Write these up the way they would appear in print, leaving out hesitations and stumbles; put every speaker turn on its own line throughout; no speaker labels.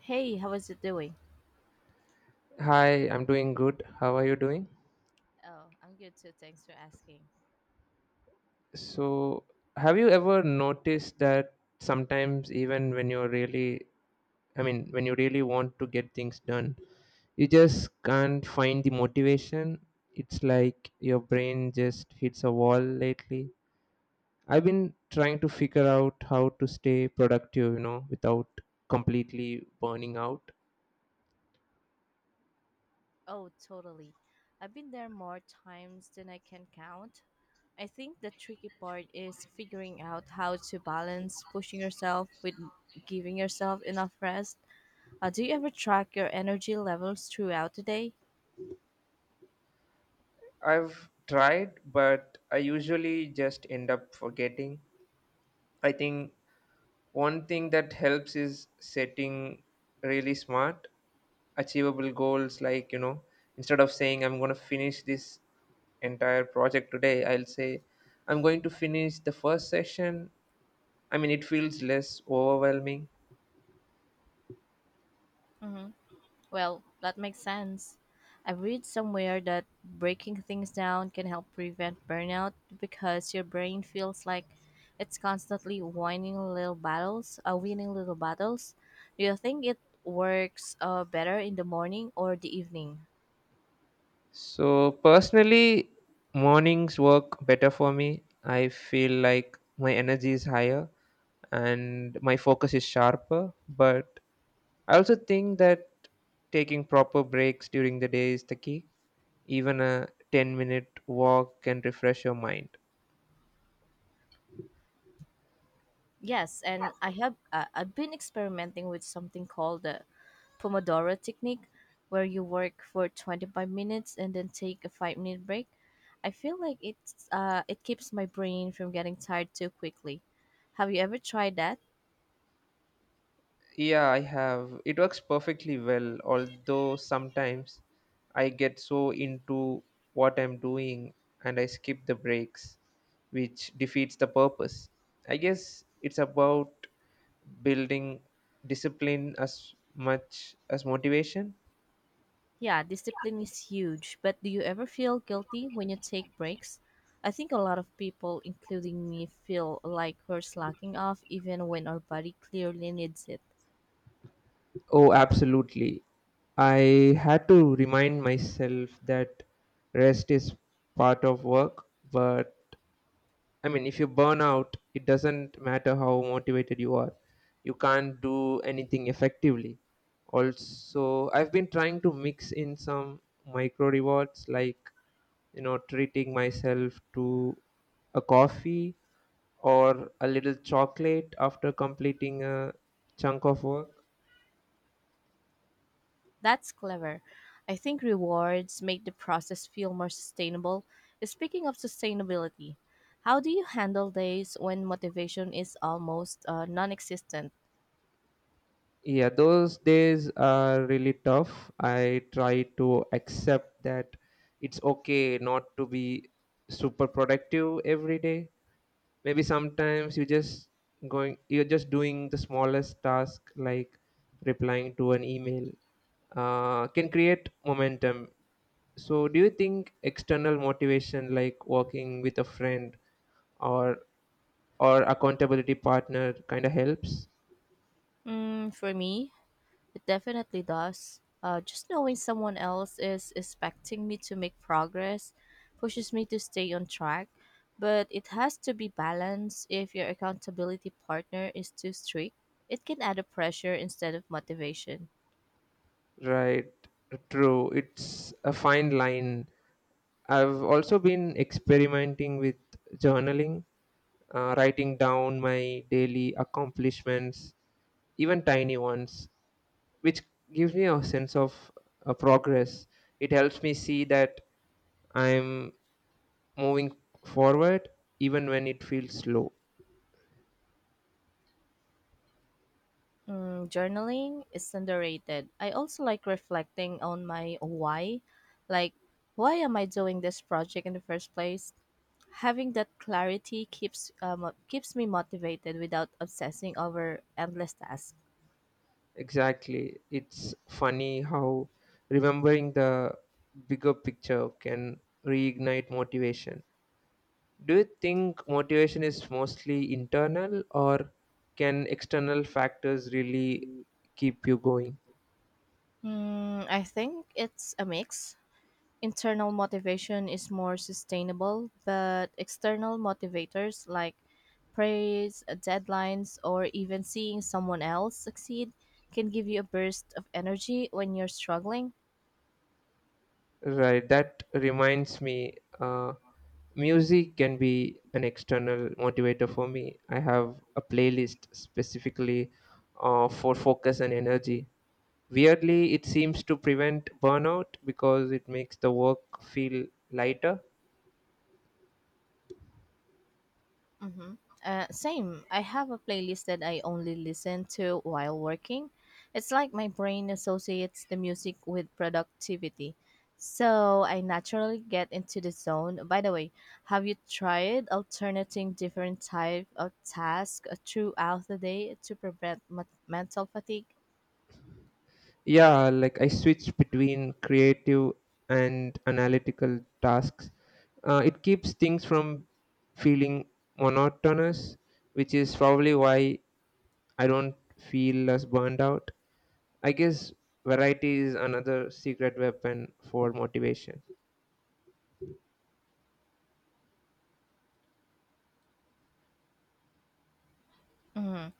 Hey, how is it doing?
Hi, I'm doing good. How are you doing?
Oh, I'm good too. Thanks for asking.
So, have you ever noticed that sometimes, even when you're really, I mean, when you really want to get things done, you just can't find the motivation? It's like your brain just hits a wall lately. I've been trying to figure out how to stay productive, you know, without completely burning out.
Oh, totally. I've been there more times than I can count. I think the tricky part is figuring out how to balance pushing yourself with giving yourself enough rest. Do you ever track your energy levels throughout the day?
I've tried, but I usually just end up forgetting. I think one thing that helps is setting really smart achievable goals, like you know, instead of saying I'm going to finish this entire project today, I'll say I'm going to finish the first session. I mean, it feels less overwhelming.
Mm-hmm. Well, that makes sense. I've read somewhere that breaking things down can help prevent burnout because your brain feels like it's constantly winning little battles. Do you think it works better in the morning or the evening?
So personally, mornings work better for me. I feel like my energy is higher and my focus is sharper, but I also think that taking proper breaks during the day is the key. Even a 10-minute minute walk can refresh your mind.
Yes, and I've been experimenting with something called the Pomodoro technique where you work for 25 minutes and then take a 5-minute break. I feel like it keeps my brain from getting tired too quickly. Have you ever tried that?
Yeah, I have. It works perfectly well, although sometimes I get so into what I'm doing and I skip the breaks, which defeats the purpose. I guess it's about building discipline as much as motivation.
Yeah, discipline is huge, but do you ever feel guilty when you take breaks? I think a lot of people including me feel like we're slacking off even when our body clearly needs it.
Oh, absolutely. I had to remind myself that rest is part of work, but I mean, if you burn out, it doesn't matter how motivated you are. You can't do anything effectively. Also, I've been trying to mix in some micro rewards, like, you know, treating myself to a coffee or a little chocolate after completing a chunk of work.
That's clever. I think rewards make the process feel more sustainable. Speaking of sustainability, how do you handle days when motivation is almost non existent?
Yeah, those days are really tough. I try to accept that it's okay not to be super productive every day. Maybe sometimes you just going you're just doing the smallest task, like replying to an email, can create momentum. So do you think external motivation like working with a friend or accountability partner kind of helps?
Mm, for me, it definitely does. Just knowing someone else is expecting me to make progress pushes me to stay on track, but it has to be balanced if your accountability partner is too strict. It can add a pressure instead of motivation.
Right, true, it's a fine line. I've also been experimenting with journaling, writing down my daily accomplishments, even tiny ones, which gives me a sense of progress. It helps me see that I'm moving forward even when it feels slow.
Mm, journaling is underrated. I also like reflecting on my why. Like, why am I doing this project in the first place? Having that clarity keeps me motivated without obsessing over endless tasks.
Exactly. It's funny how remembering the bigger picture can reignite motivation. Do you think motivation is mostly internal, or can external factors really keep you going?
Mm, I think it's a mix. Internal motivation is more sustainable, but external motivators like praise, deadlines, or even seeing someone else succeed can give you a burst of energy when you're struggling.
Right, that reminds me, uh, music can be an external motivator for me. I have a playlist specifically for focus and energy. Weirdly, it seems to prevent burnout because it makes the work feel lighter.
Mm-hmm. Same. I have a playlist that I only listen to while working. It's like my brain associates the music with productivity. So I naturally get into the zone. By the way, have you tried alternating different type of tasks throughout the day to prevent mental fatigue?
Yeah, like I switch between creative and analytical tasks. It keeps things from feeling monotonous, which is probably why I don't feel as burned out. I guess variety is another secret weapon for motivation.
Mhm.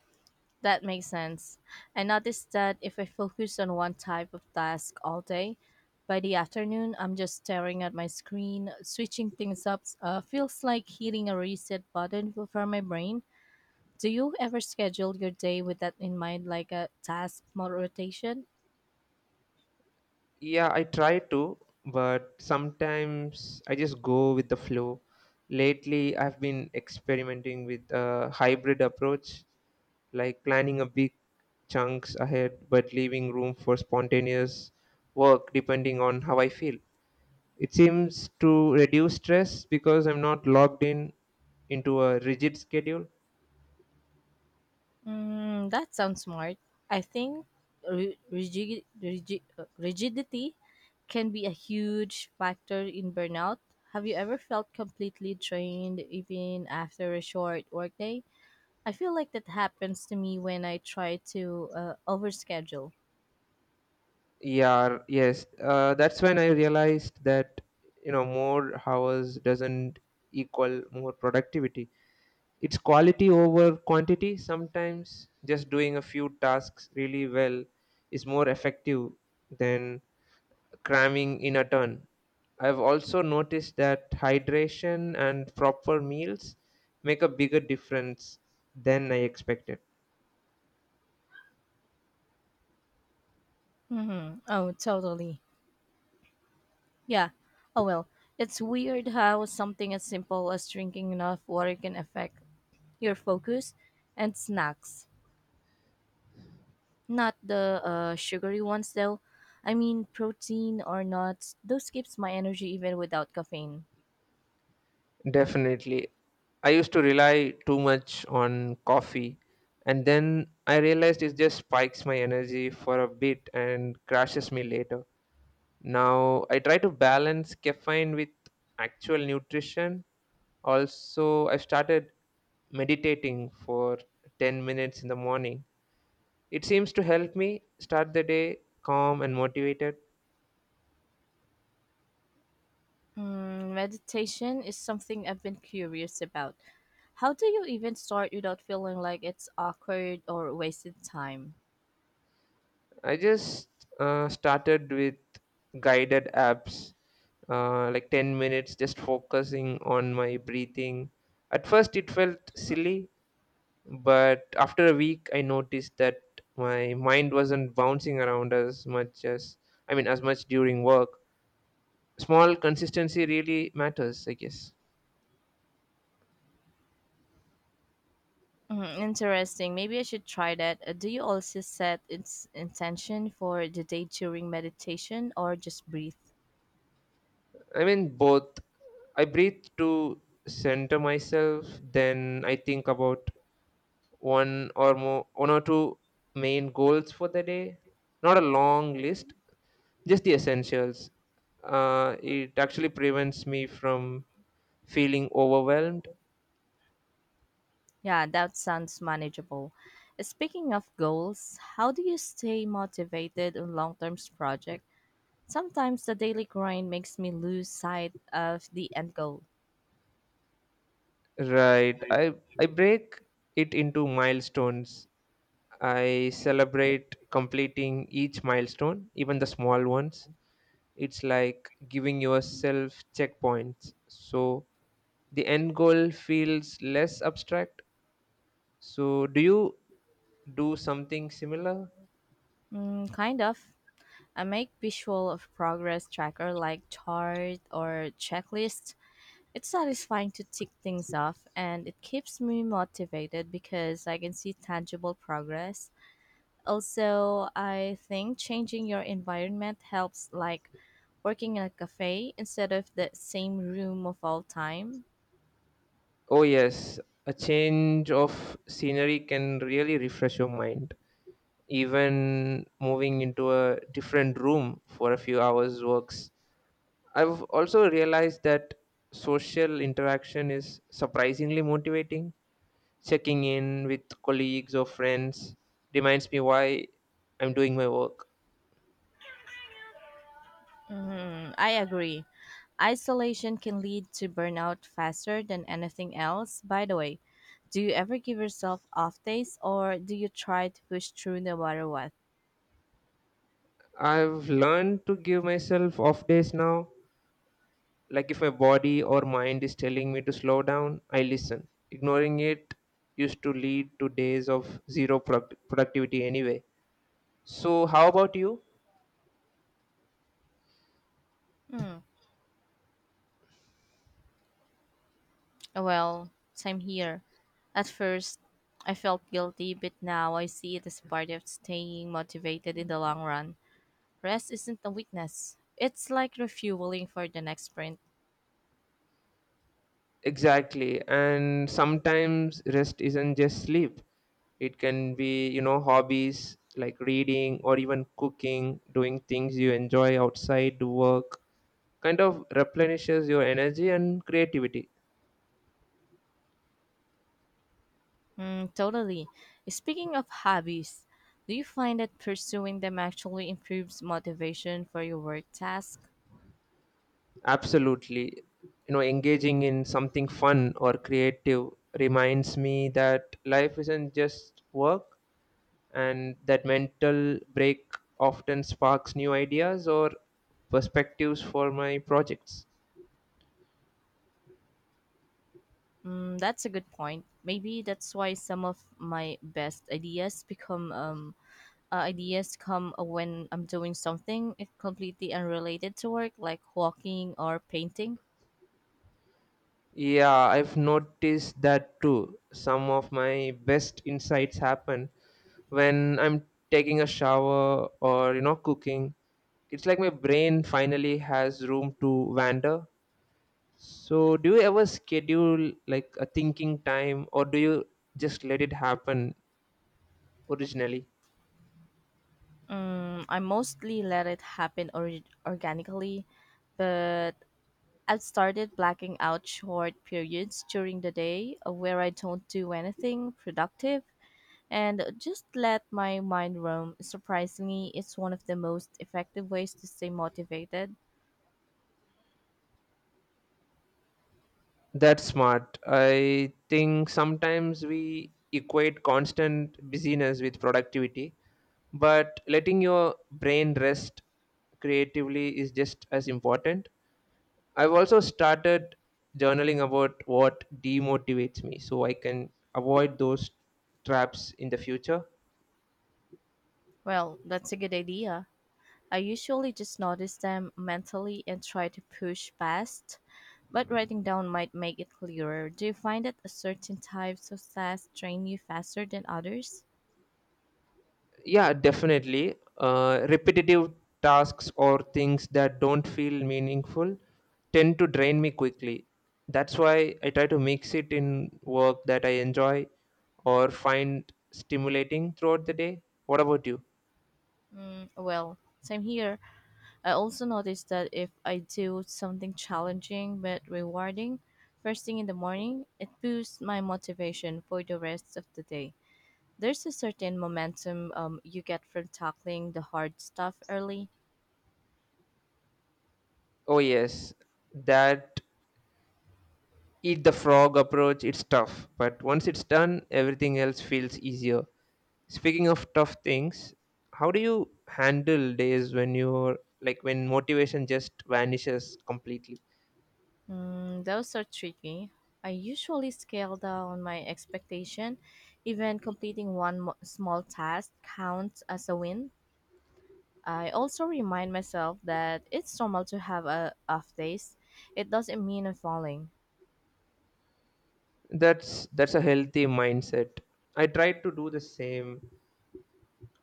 That makes sense. I noticed that if I focus on one type of task all day, by the afternoon, I'm just staring at my screen. Switching things up feels like hitting a reset button for my brain. Do you ever schedule your day with that in mind, like a task mod rotation?
Yeah, I try to, but sometimes I just go with the flow. Lately, I've been experimenting with a hybrid approach, like planning a big chunks ahead but leaving room for spontaneous work depending on how I feel. It seems to reduce stress because I'm not locked in into a rigid schedule.
Mm, that sounds smart. I think rigidity can be a huge factor in burnout. Have you ever felt completely drained even after a short workday? I feel like that happens to me when I try to overschedule.
Yeah, yes. That's when I realized that, you know, more hours doesn't equal more productivity. It's quality over quantity. Sometimes just doing a few tasks really well is more effective than cramming in a ton. I've also noticed that hydration and proper meals make a bigger difference than I expected.
Mm-hmm. Oh, totally. Yeah. Oh, well, it's weird how something as simple as drinking enough water can affect your focus and snacks. Not the sugary ones though. I mean, protein or nuts. Those keeps my energy even without caffeine.
Definitely. I used to rely too much on coffee, and then I realized it just spikes my energy for a bit and crashes me later. Now I try to balance caffeine with actual nutrition. Also, I started meditating for 10 minutes in the morning. It seems to help me start the day calm and motivated.
Mm, meditation is something I've been curious about. How do you even start without feeling like it's awkward or wasted time?
I just started with guided apps, like 10 minutes just focusing on my breathing. At first, it felt silly, but after a week, I noticed that my mind wasn't bouncing around I mean, as much during work. Small consistency really matters, I guess.
Mm, interesting. Maybe I should try that. Do you also set its intention for the day during meditation or just breathe?
I mean, both. I breathe to center myself, then I think about one or two main goals for the day, not a long list, just the essentials. It actually prevents me from feeling overwhelmed.
Yeah, that sounds manageable. Speaking of goals, how do you stay motivated on long-term project? Sometimes the daily grind makes me lose sight of the end goal.
Right, I break it into milestones. I celebrate completing each milestone, even the small ones. It's like giving yourself checkpoints so the end goal feels less abstract. So do you do something similar?
Mm, kind of. I make visual of progress tracker like chart or checklist. It's satisfying to tick things off and it keeps me motivated because I can see tangible progress. Also, I think changing your environment helps like working in a cafe instead of the same room of all time?
Oh, yes, a change of scenery can really refresh your mind. Even moving into a different room for a few hours works. I've also realized that social interaction is surprisingly motivating. Checking in with colleagues or friends reminds me why I'm doing my work.
Mm, I agree. Isolation can lead to burnout faster than anything else. By the way, do you ever give yourself off days or do you try to push through no matter what?
I've learned to give myself off days now. Like, if my body or mind is telling me to slow down, I listen. Ignoring it used to lead to days of zero productivity anyway. So, how about you?
Hmm. Well, same here. At first, I felt guilty, but now I see it as part of staying motivated in the long run. Rest isn't a weakness, it's like refueling for the next sprint.
Exactly. And sometimes rest isn't just sleep, it can be, you know, hobbies like reading or even cooking. Doing things you enjoy outside work kind of replenishes your energy and creativity.
Mm, totally. Speaking of hobbies, do you find that pursuing them actually improves motivation for your work task?
Absolutely. You know, engaging in something fun or creative reminds me that life isn't just work, and that mental break often sparks new ideas or perspectives for my projects.
Mm, that's a good point. Maybe that's why some of my best ideas come when I'm doing something completely unrelated to work, like walking or painting.
Yeah, I've noticed that too. Some of my best insights happen when I'm taking a shower or, you know, cooking. It's like my brain finally has room to wander. So, do you ever schedule like a thinking time, or do you just let it happen originally?
Mm, I mostly let it happen organically, but I've started blacking out short periods during the day where I don't do anything productive and just let my mind roam. Surprisingly, it's one of the most effective ways to stay motivated.
That's smart. I think sometimes we equate constant busyness with productivity, but letting your brain rest creatively is just as important. I've also started journaling about what demotivates me so I can avoid those traps in the future.
Well, that's a good idea. I usually just notice them mentally and try to push past, but writing down might make it clearer. Do you find that a certain types of tasks train you faster than others?
Yeah, definitely. Repetitive tasks or things that don't feel meaningful tend to drain me quickly. That's why I try to mix it in work that I enjoy or find stimulating throughout the day. What about you?
Mm, well, same here. I also noticed that if I do something challenging but rewarding first thing in the morning, it boosts my motivation for the rest of the day. There's a certain momentum you get from tackling the hard stuff early.
Oh, yes, that eat the frog approach, it's tough, but once it's done, everything else feels easier. Speaking of tough things, how do you handle days when you're like when motivation just vanishes completely?
Mm, those are tricky. I usually scale down my expectation. Even completing one small task counts as a win. I also remind myself that it's normal to have a off days. It doesn't mean I'm falling.
That's a healthy mindset. I try to do the same.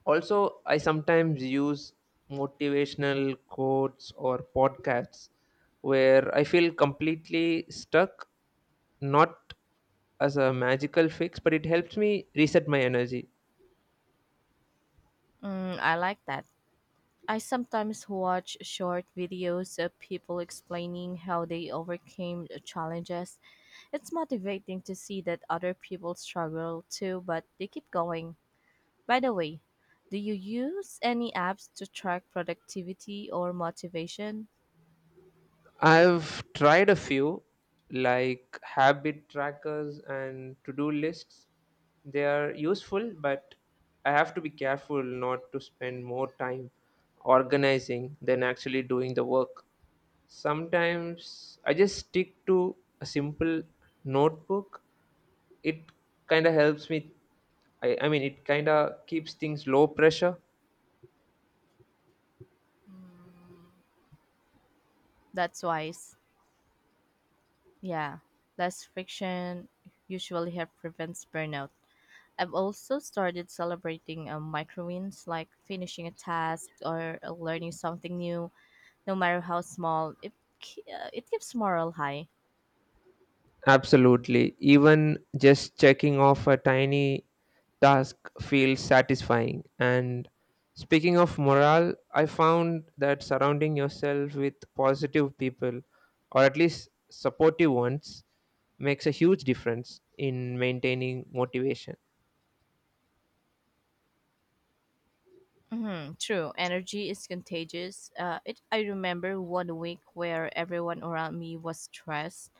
Also, I sometimes use motivational quotes or podcasts where I feel completely stuck, not as a magical fix, but it helps me reset my energy.
Mm, I like that. I sometimes watch short videos of people explaining how they overcame the challenges. It's motivating to see that other people struggle too, but they keep going. By the way, do you use any apps to track productivity or motivation?
I've tried a few, like habit trackers and to do lists. They are useful, but I have to be careful not to spend more time organizing than actually doing the work. Sometimes I just stick to a simple notebook. It kind of helps me. I mean, it kind of keeps things low pressure.
Mm, that's wise. Yeah, less friction usually help prevents burnout. I've also started celebrating micro wins like finishing a task or learning something new, no matter how small. It keeps morale high.
Absolutely. Even just checking off a tiny task feels satisfying. And speaking of morale, I found that surrounding yourself with positive people, or at least supportive ones, makes a huge difference in maintaining motivation.
Hmm, true, energy is contagious. I remember one week where everyone around me was stressed,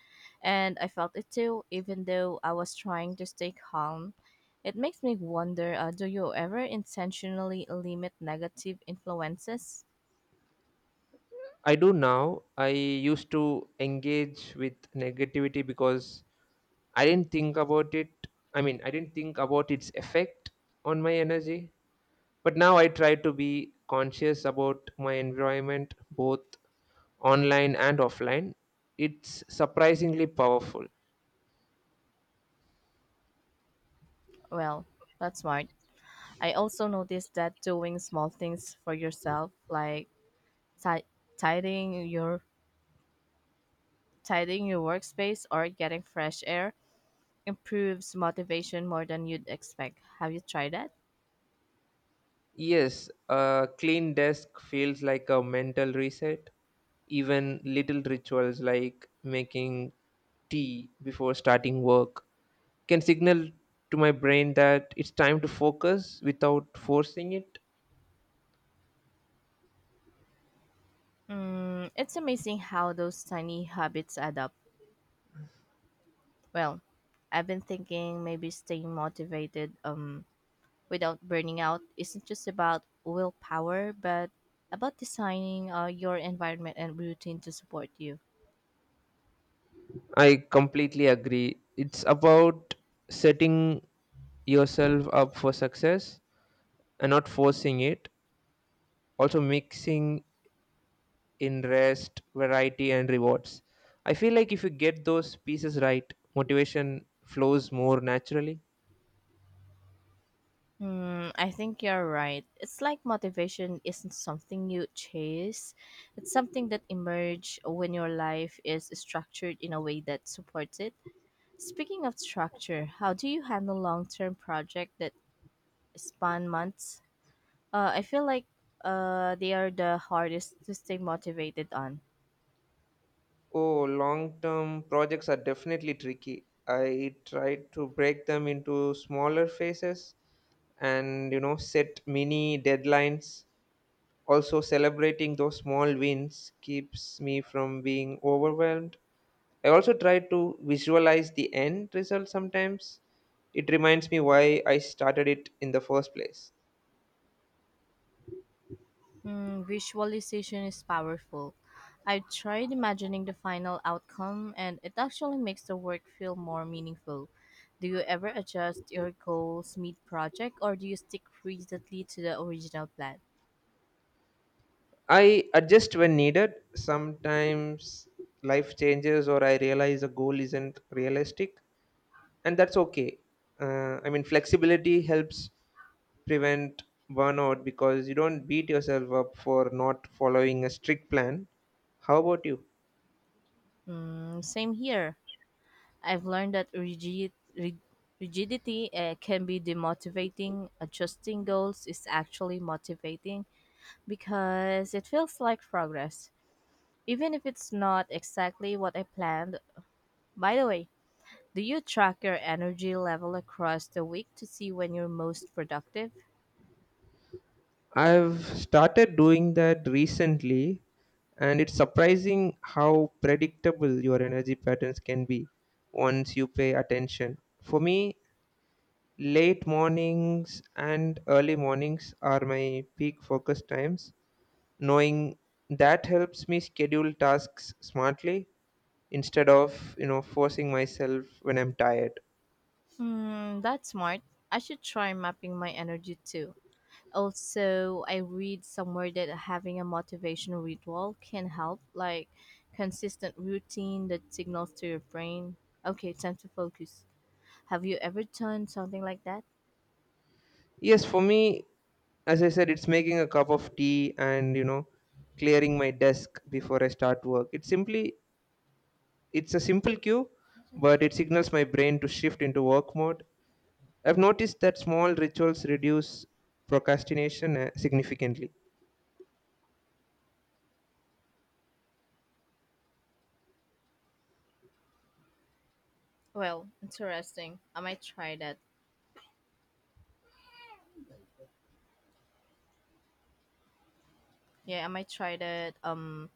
and I felt it too, even though I was trying to stay calm. It makes me wonder do you ever intentionally limit negative influences?
I do now. I used to engage with negativity because I didn't think about it. I mean, I didn't think about its effect on my energy. But now I try to be conscious about my environment, both online and offline. It's surprisingly powerful.
Well, that's smart. I also noticed that doing small things for yourself, like ti- tidying your tidying your workspace or getting fresh air, improves motivation more than you'd expect. Have you tried that?
Yes, a clean desk feels like a mental reset. Even little rituals like making tea before starting work can signal to my brain that it's time to focus without forcing it.
Mm, it's amazing how those tiny habits add up. Well, I've been thinking maybe staying motivated without burning out isn't just about willpower, but about designing your environment and routine to support you.
I completely agree. It's about setting yourself up for success and not forcing it, also mixing in rest, variety and rewards. I feel like if you get those pieces right, motivation flows more naturally.
Hmm, I think you're right. It's like motivation isn't something you chase. It's something that emerges when your life is structured in a way that supports it. Speaking of structure, how do you handle long-term projects that span months? I feel like they are the hardest to stay motivated on.
Oh, long term projects are definitely tricky. I tried to break them into smaller phases and, you know, set mini deadlines. Also, celebrating those small wins keeps me from being overwhelmed. I also try to visualize the end result sometimes. It reminds me why I started it in the first place.
Mm, visualization is powerful. I tried imagining the final outcome, and it actually makes the work feel more meaningful. Do you ever adjust your goals mid project, or do you stick rigidly to the original plan?
I adjust when needed. Sometimes life changes or I realize a goal isn't realistic, and that's okay. I mean, flexibility helps prevent burnout because you don't beat yourself up for not following a strict plan. How about you?
Mm, same here. I've learned that rigidity can be demotivating. Adjusting goals is actually motivating because it feels like progress, even if it's not exactly what I planned. By the way, do you track your energy level across the week to see when you're most productive?
I've started doing that recently, and it's surprising how predictable your energy patterns can be once you pay attention. For me, late mornings and early mornings are my peak focus times. Knowing that helps me schedule tasks smartly instead of, you know, forcing myself when I'm tired.
Hmm, that's smart. I should try mapping my energy too. Also, I read somewhere that having a motivation ritual can help, like consistent routine that signals to your brain, okay, time to focus. Have you ever done something like that?
Yes, for me, as I said, it's making a cup of tea and, you know, clearing my desk before I start work. It's a simple cue, but it signals my brain to shift into work mode. I've noticed that small rituals reduce procrastination significantly.
Well, interesting. I might try that. Yeah, I might try that.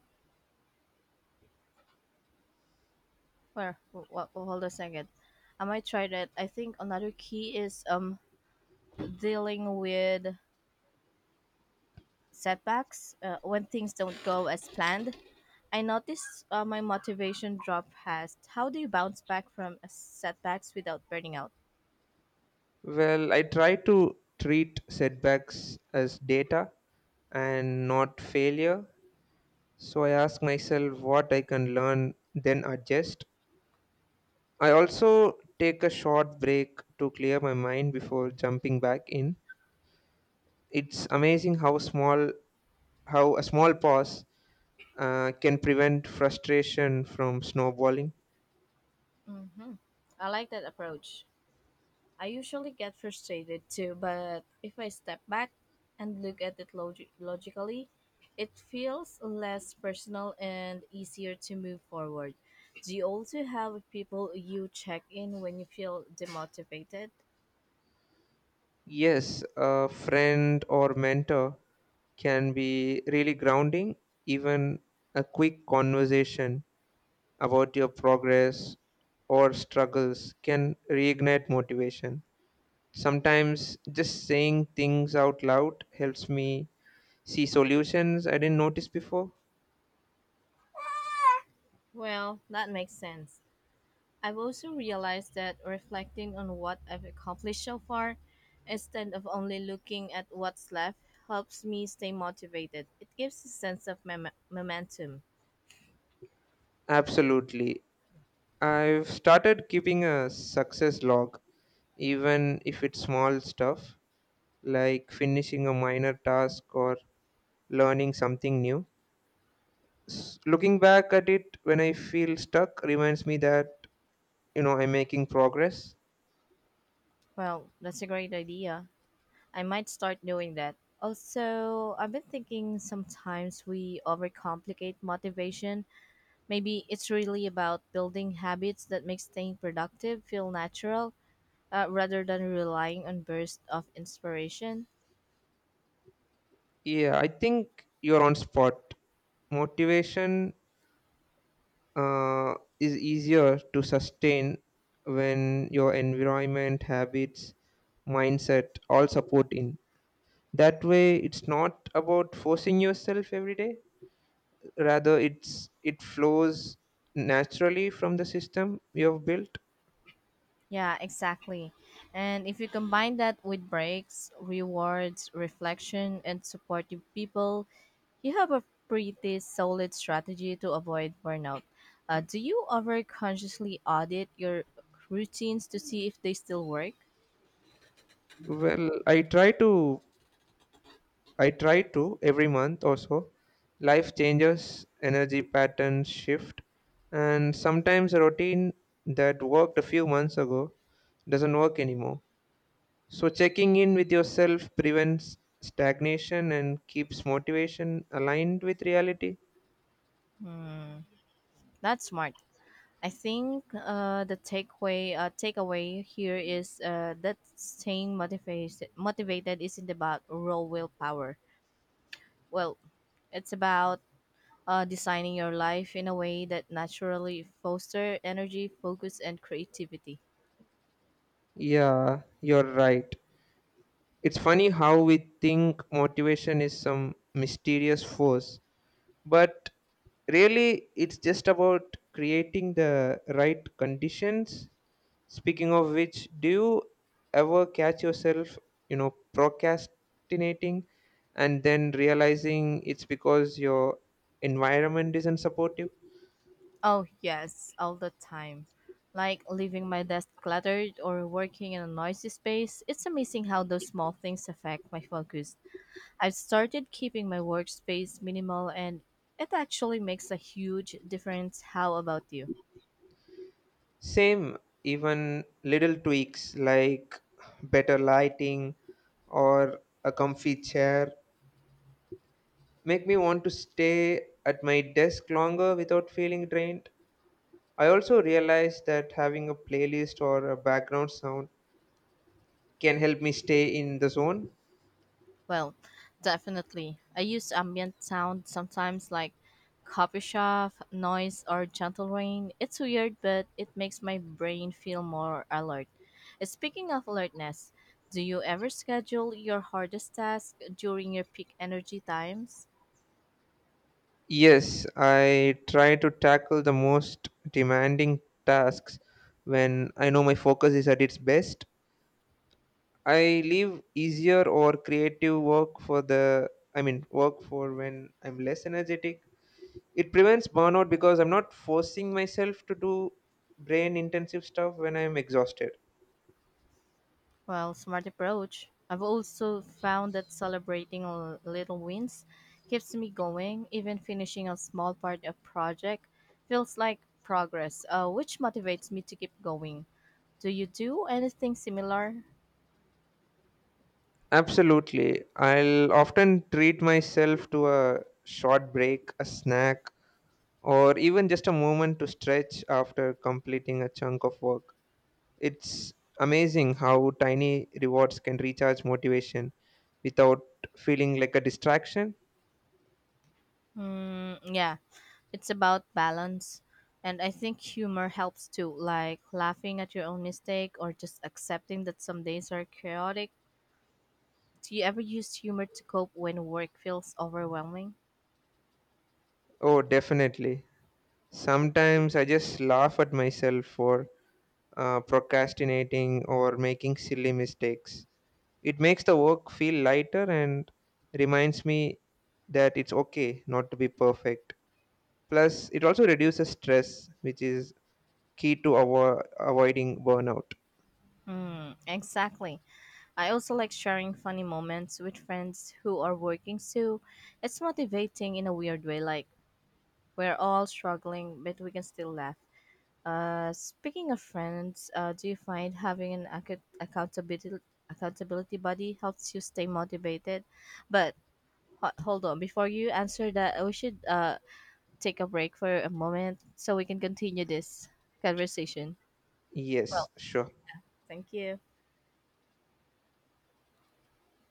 Where? Well, hold a second. I might try that. I think another key is dealing with setbacks when things don't go as planned. I noticed my motivation drop fast. How do you bounce back from setbacks without burning out?
Well, I try to treat setbacks as data and not failure. So I ask myself what I can learn, then adjust. I also take a short break to clear my mind before jumping back in. It's amazing how a small pause can prevent frustration from snowballing.
Hmm, I like that approach. I usually get frustrated too, but if I step back and look at it logically, it feels less personal and easier to move forward. Do you also have people you check in when you feel demotivated?
Yes, a friend or mentor can be really grounding. Even a quick conversation about your progress or struggles can reignite motivation. Sometimes just saying things out loud helps me see solutions I didn't notice before.
Well, that makes sense. I've also realized that reflecting on what I've accomplished so far, instead of only looking at what's left, helps me stay motivated. It gives a sense of momentum.
Absolutely. I've started keeping a success log, even if it's small stuff like finishing a minor task or learning something new. Looking back at it when I feel stuck reminds me that, you know, I'm making progress.
Well, that's a great idea. I might start doing that. Also, I've been thinking sometimes we overcomplicate motivation. Maybe it's really about building habits that make staying productive feel natural rather than relying on bursts of inspiration.
Yeah, I think you're on spot. Motivation is easier to sustain when your environment, habits, mindset all support in. That way, it's not about forcing yourself every day. Rather, it flows naturally from the system you have built.
Yeah, exactly. And if you combine that with breaks, rewards, reflection, and supportive people, you have a pretty solid strategy to avoid burnout. Do you ever consciously audit your routines to see if they still work?
Well, I try to every month or so. Life changes, energy patterns shift, and sometimes a routine that worked a few months ago doesn't work anymore. So checking in with yourself prevents stagnation and keeps motivation aligned with reality.
Hmm, that's smart. I think the takeaway here is that staying motivated isn't about raw willpower. Well, it's about designing your life in a way that naturally foster energy, focus, and creativity.
Yeah, you're right. It's funny how we think motivation is some mysterious force, but really it's just about creating the right conditions. Speaking of which, do you ever catch yourself, you know, procrastinating and then realizing it's because your environment isn't supportive?
Oh, yes, all the time. Like leaving my desk cluttered or working in a noisy space, it's amazing how those small things affect my focus. I've started keeping my workspace minimal and it actually makes a huge difference. How about you?
Same, even little tweaks like better lighting or a comfy chair make me want to stay at my desk longer without feeling drained. I also realize that having a playlist or a background sound can help me stay in the zone.
Well, definitely. I use ambient sound sometimes like coffee shop noise or gentle rain. It's weird, but it makes my brain feel more alert. Speaking of alertness, do you ever schedule your hardest task during your peak energy times?
Yes, I try to tackle the most demanding tasks when I know my focus is at its best. I leave easier or creative work for the I mean work for when I'm less energetic. It prevents burnout because I'm not forcing myself to do brain intensive stuff when I'm exhausted.
Well, smart approach. I've also found that celebrating little wins keeps me going. Even finishing a small part of project feels like progress, which motivates me to keep going. Do you do anything similar?
Absolutely. I'll often treat myself to a short break, a snack, or even just a moment to stretch after completing a chunk of work. It's amazing how tiny rewards can recharge motivation without feeling like a distraction.
Mm, yeah, it's about balance. And I think humor helps too, like laughing at your own mistake or just accepting that some days are chaotic. Do you ever use humor to cope when work feels overwhelming?
Oh, definitely. Sometimes I just laugh at myself for procrastinating or making silly mistakes. It makes the work feel lighter and reminds me that it's okay not to be perfect. Plus, it also reduces stress, which is key to avoiding burnout.
Mm, exactly. I also like sharing funny moments with friends who are working, so it's motivating in a weird way. Like, we're all struggling, but we can still laugh. Speaking of friends, do you find having an accountability buddy helps you stay motivated? But hold on, before you answer that, we should take a break for a moment so we can continue this conversation.
Yes,
Well,
sure.
thank you.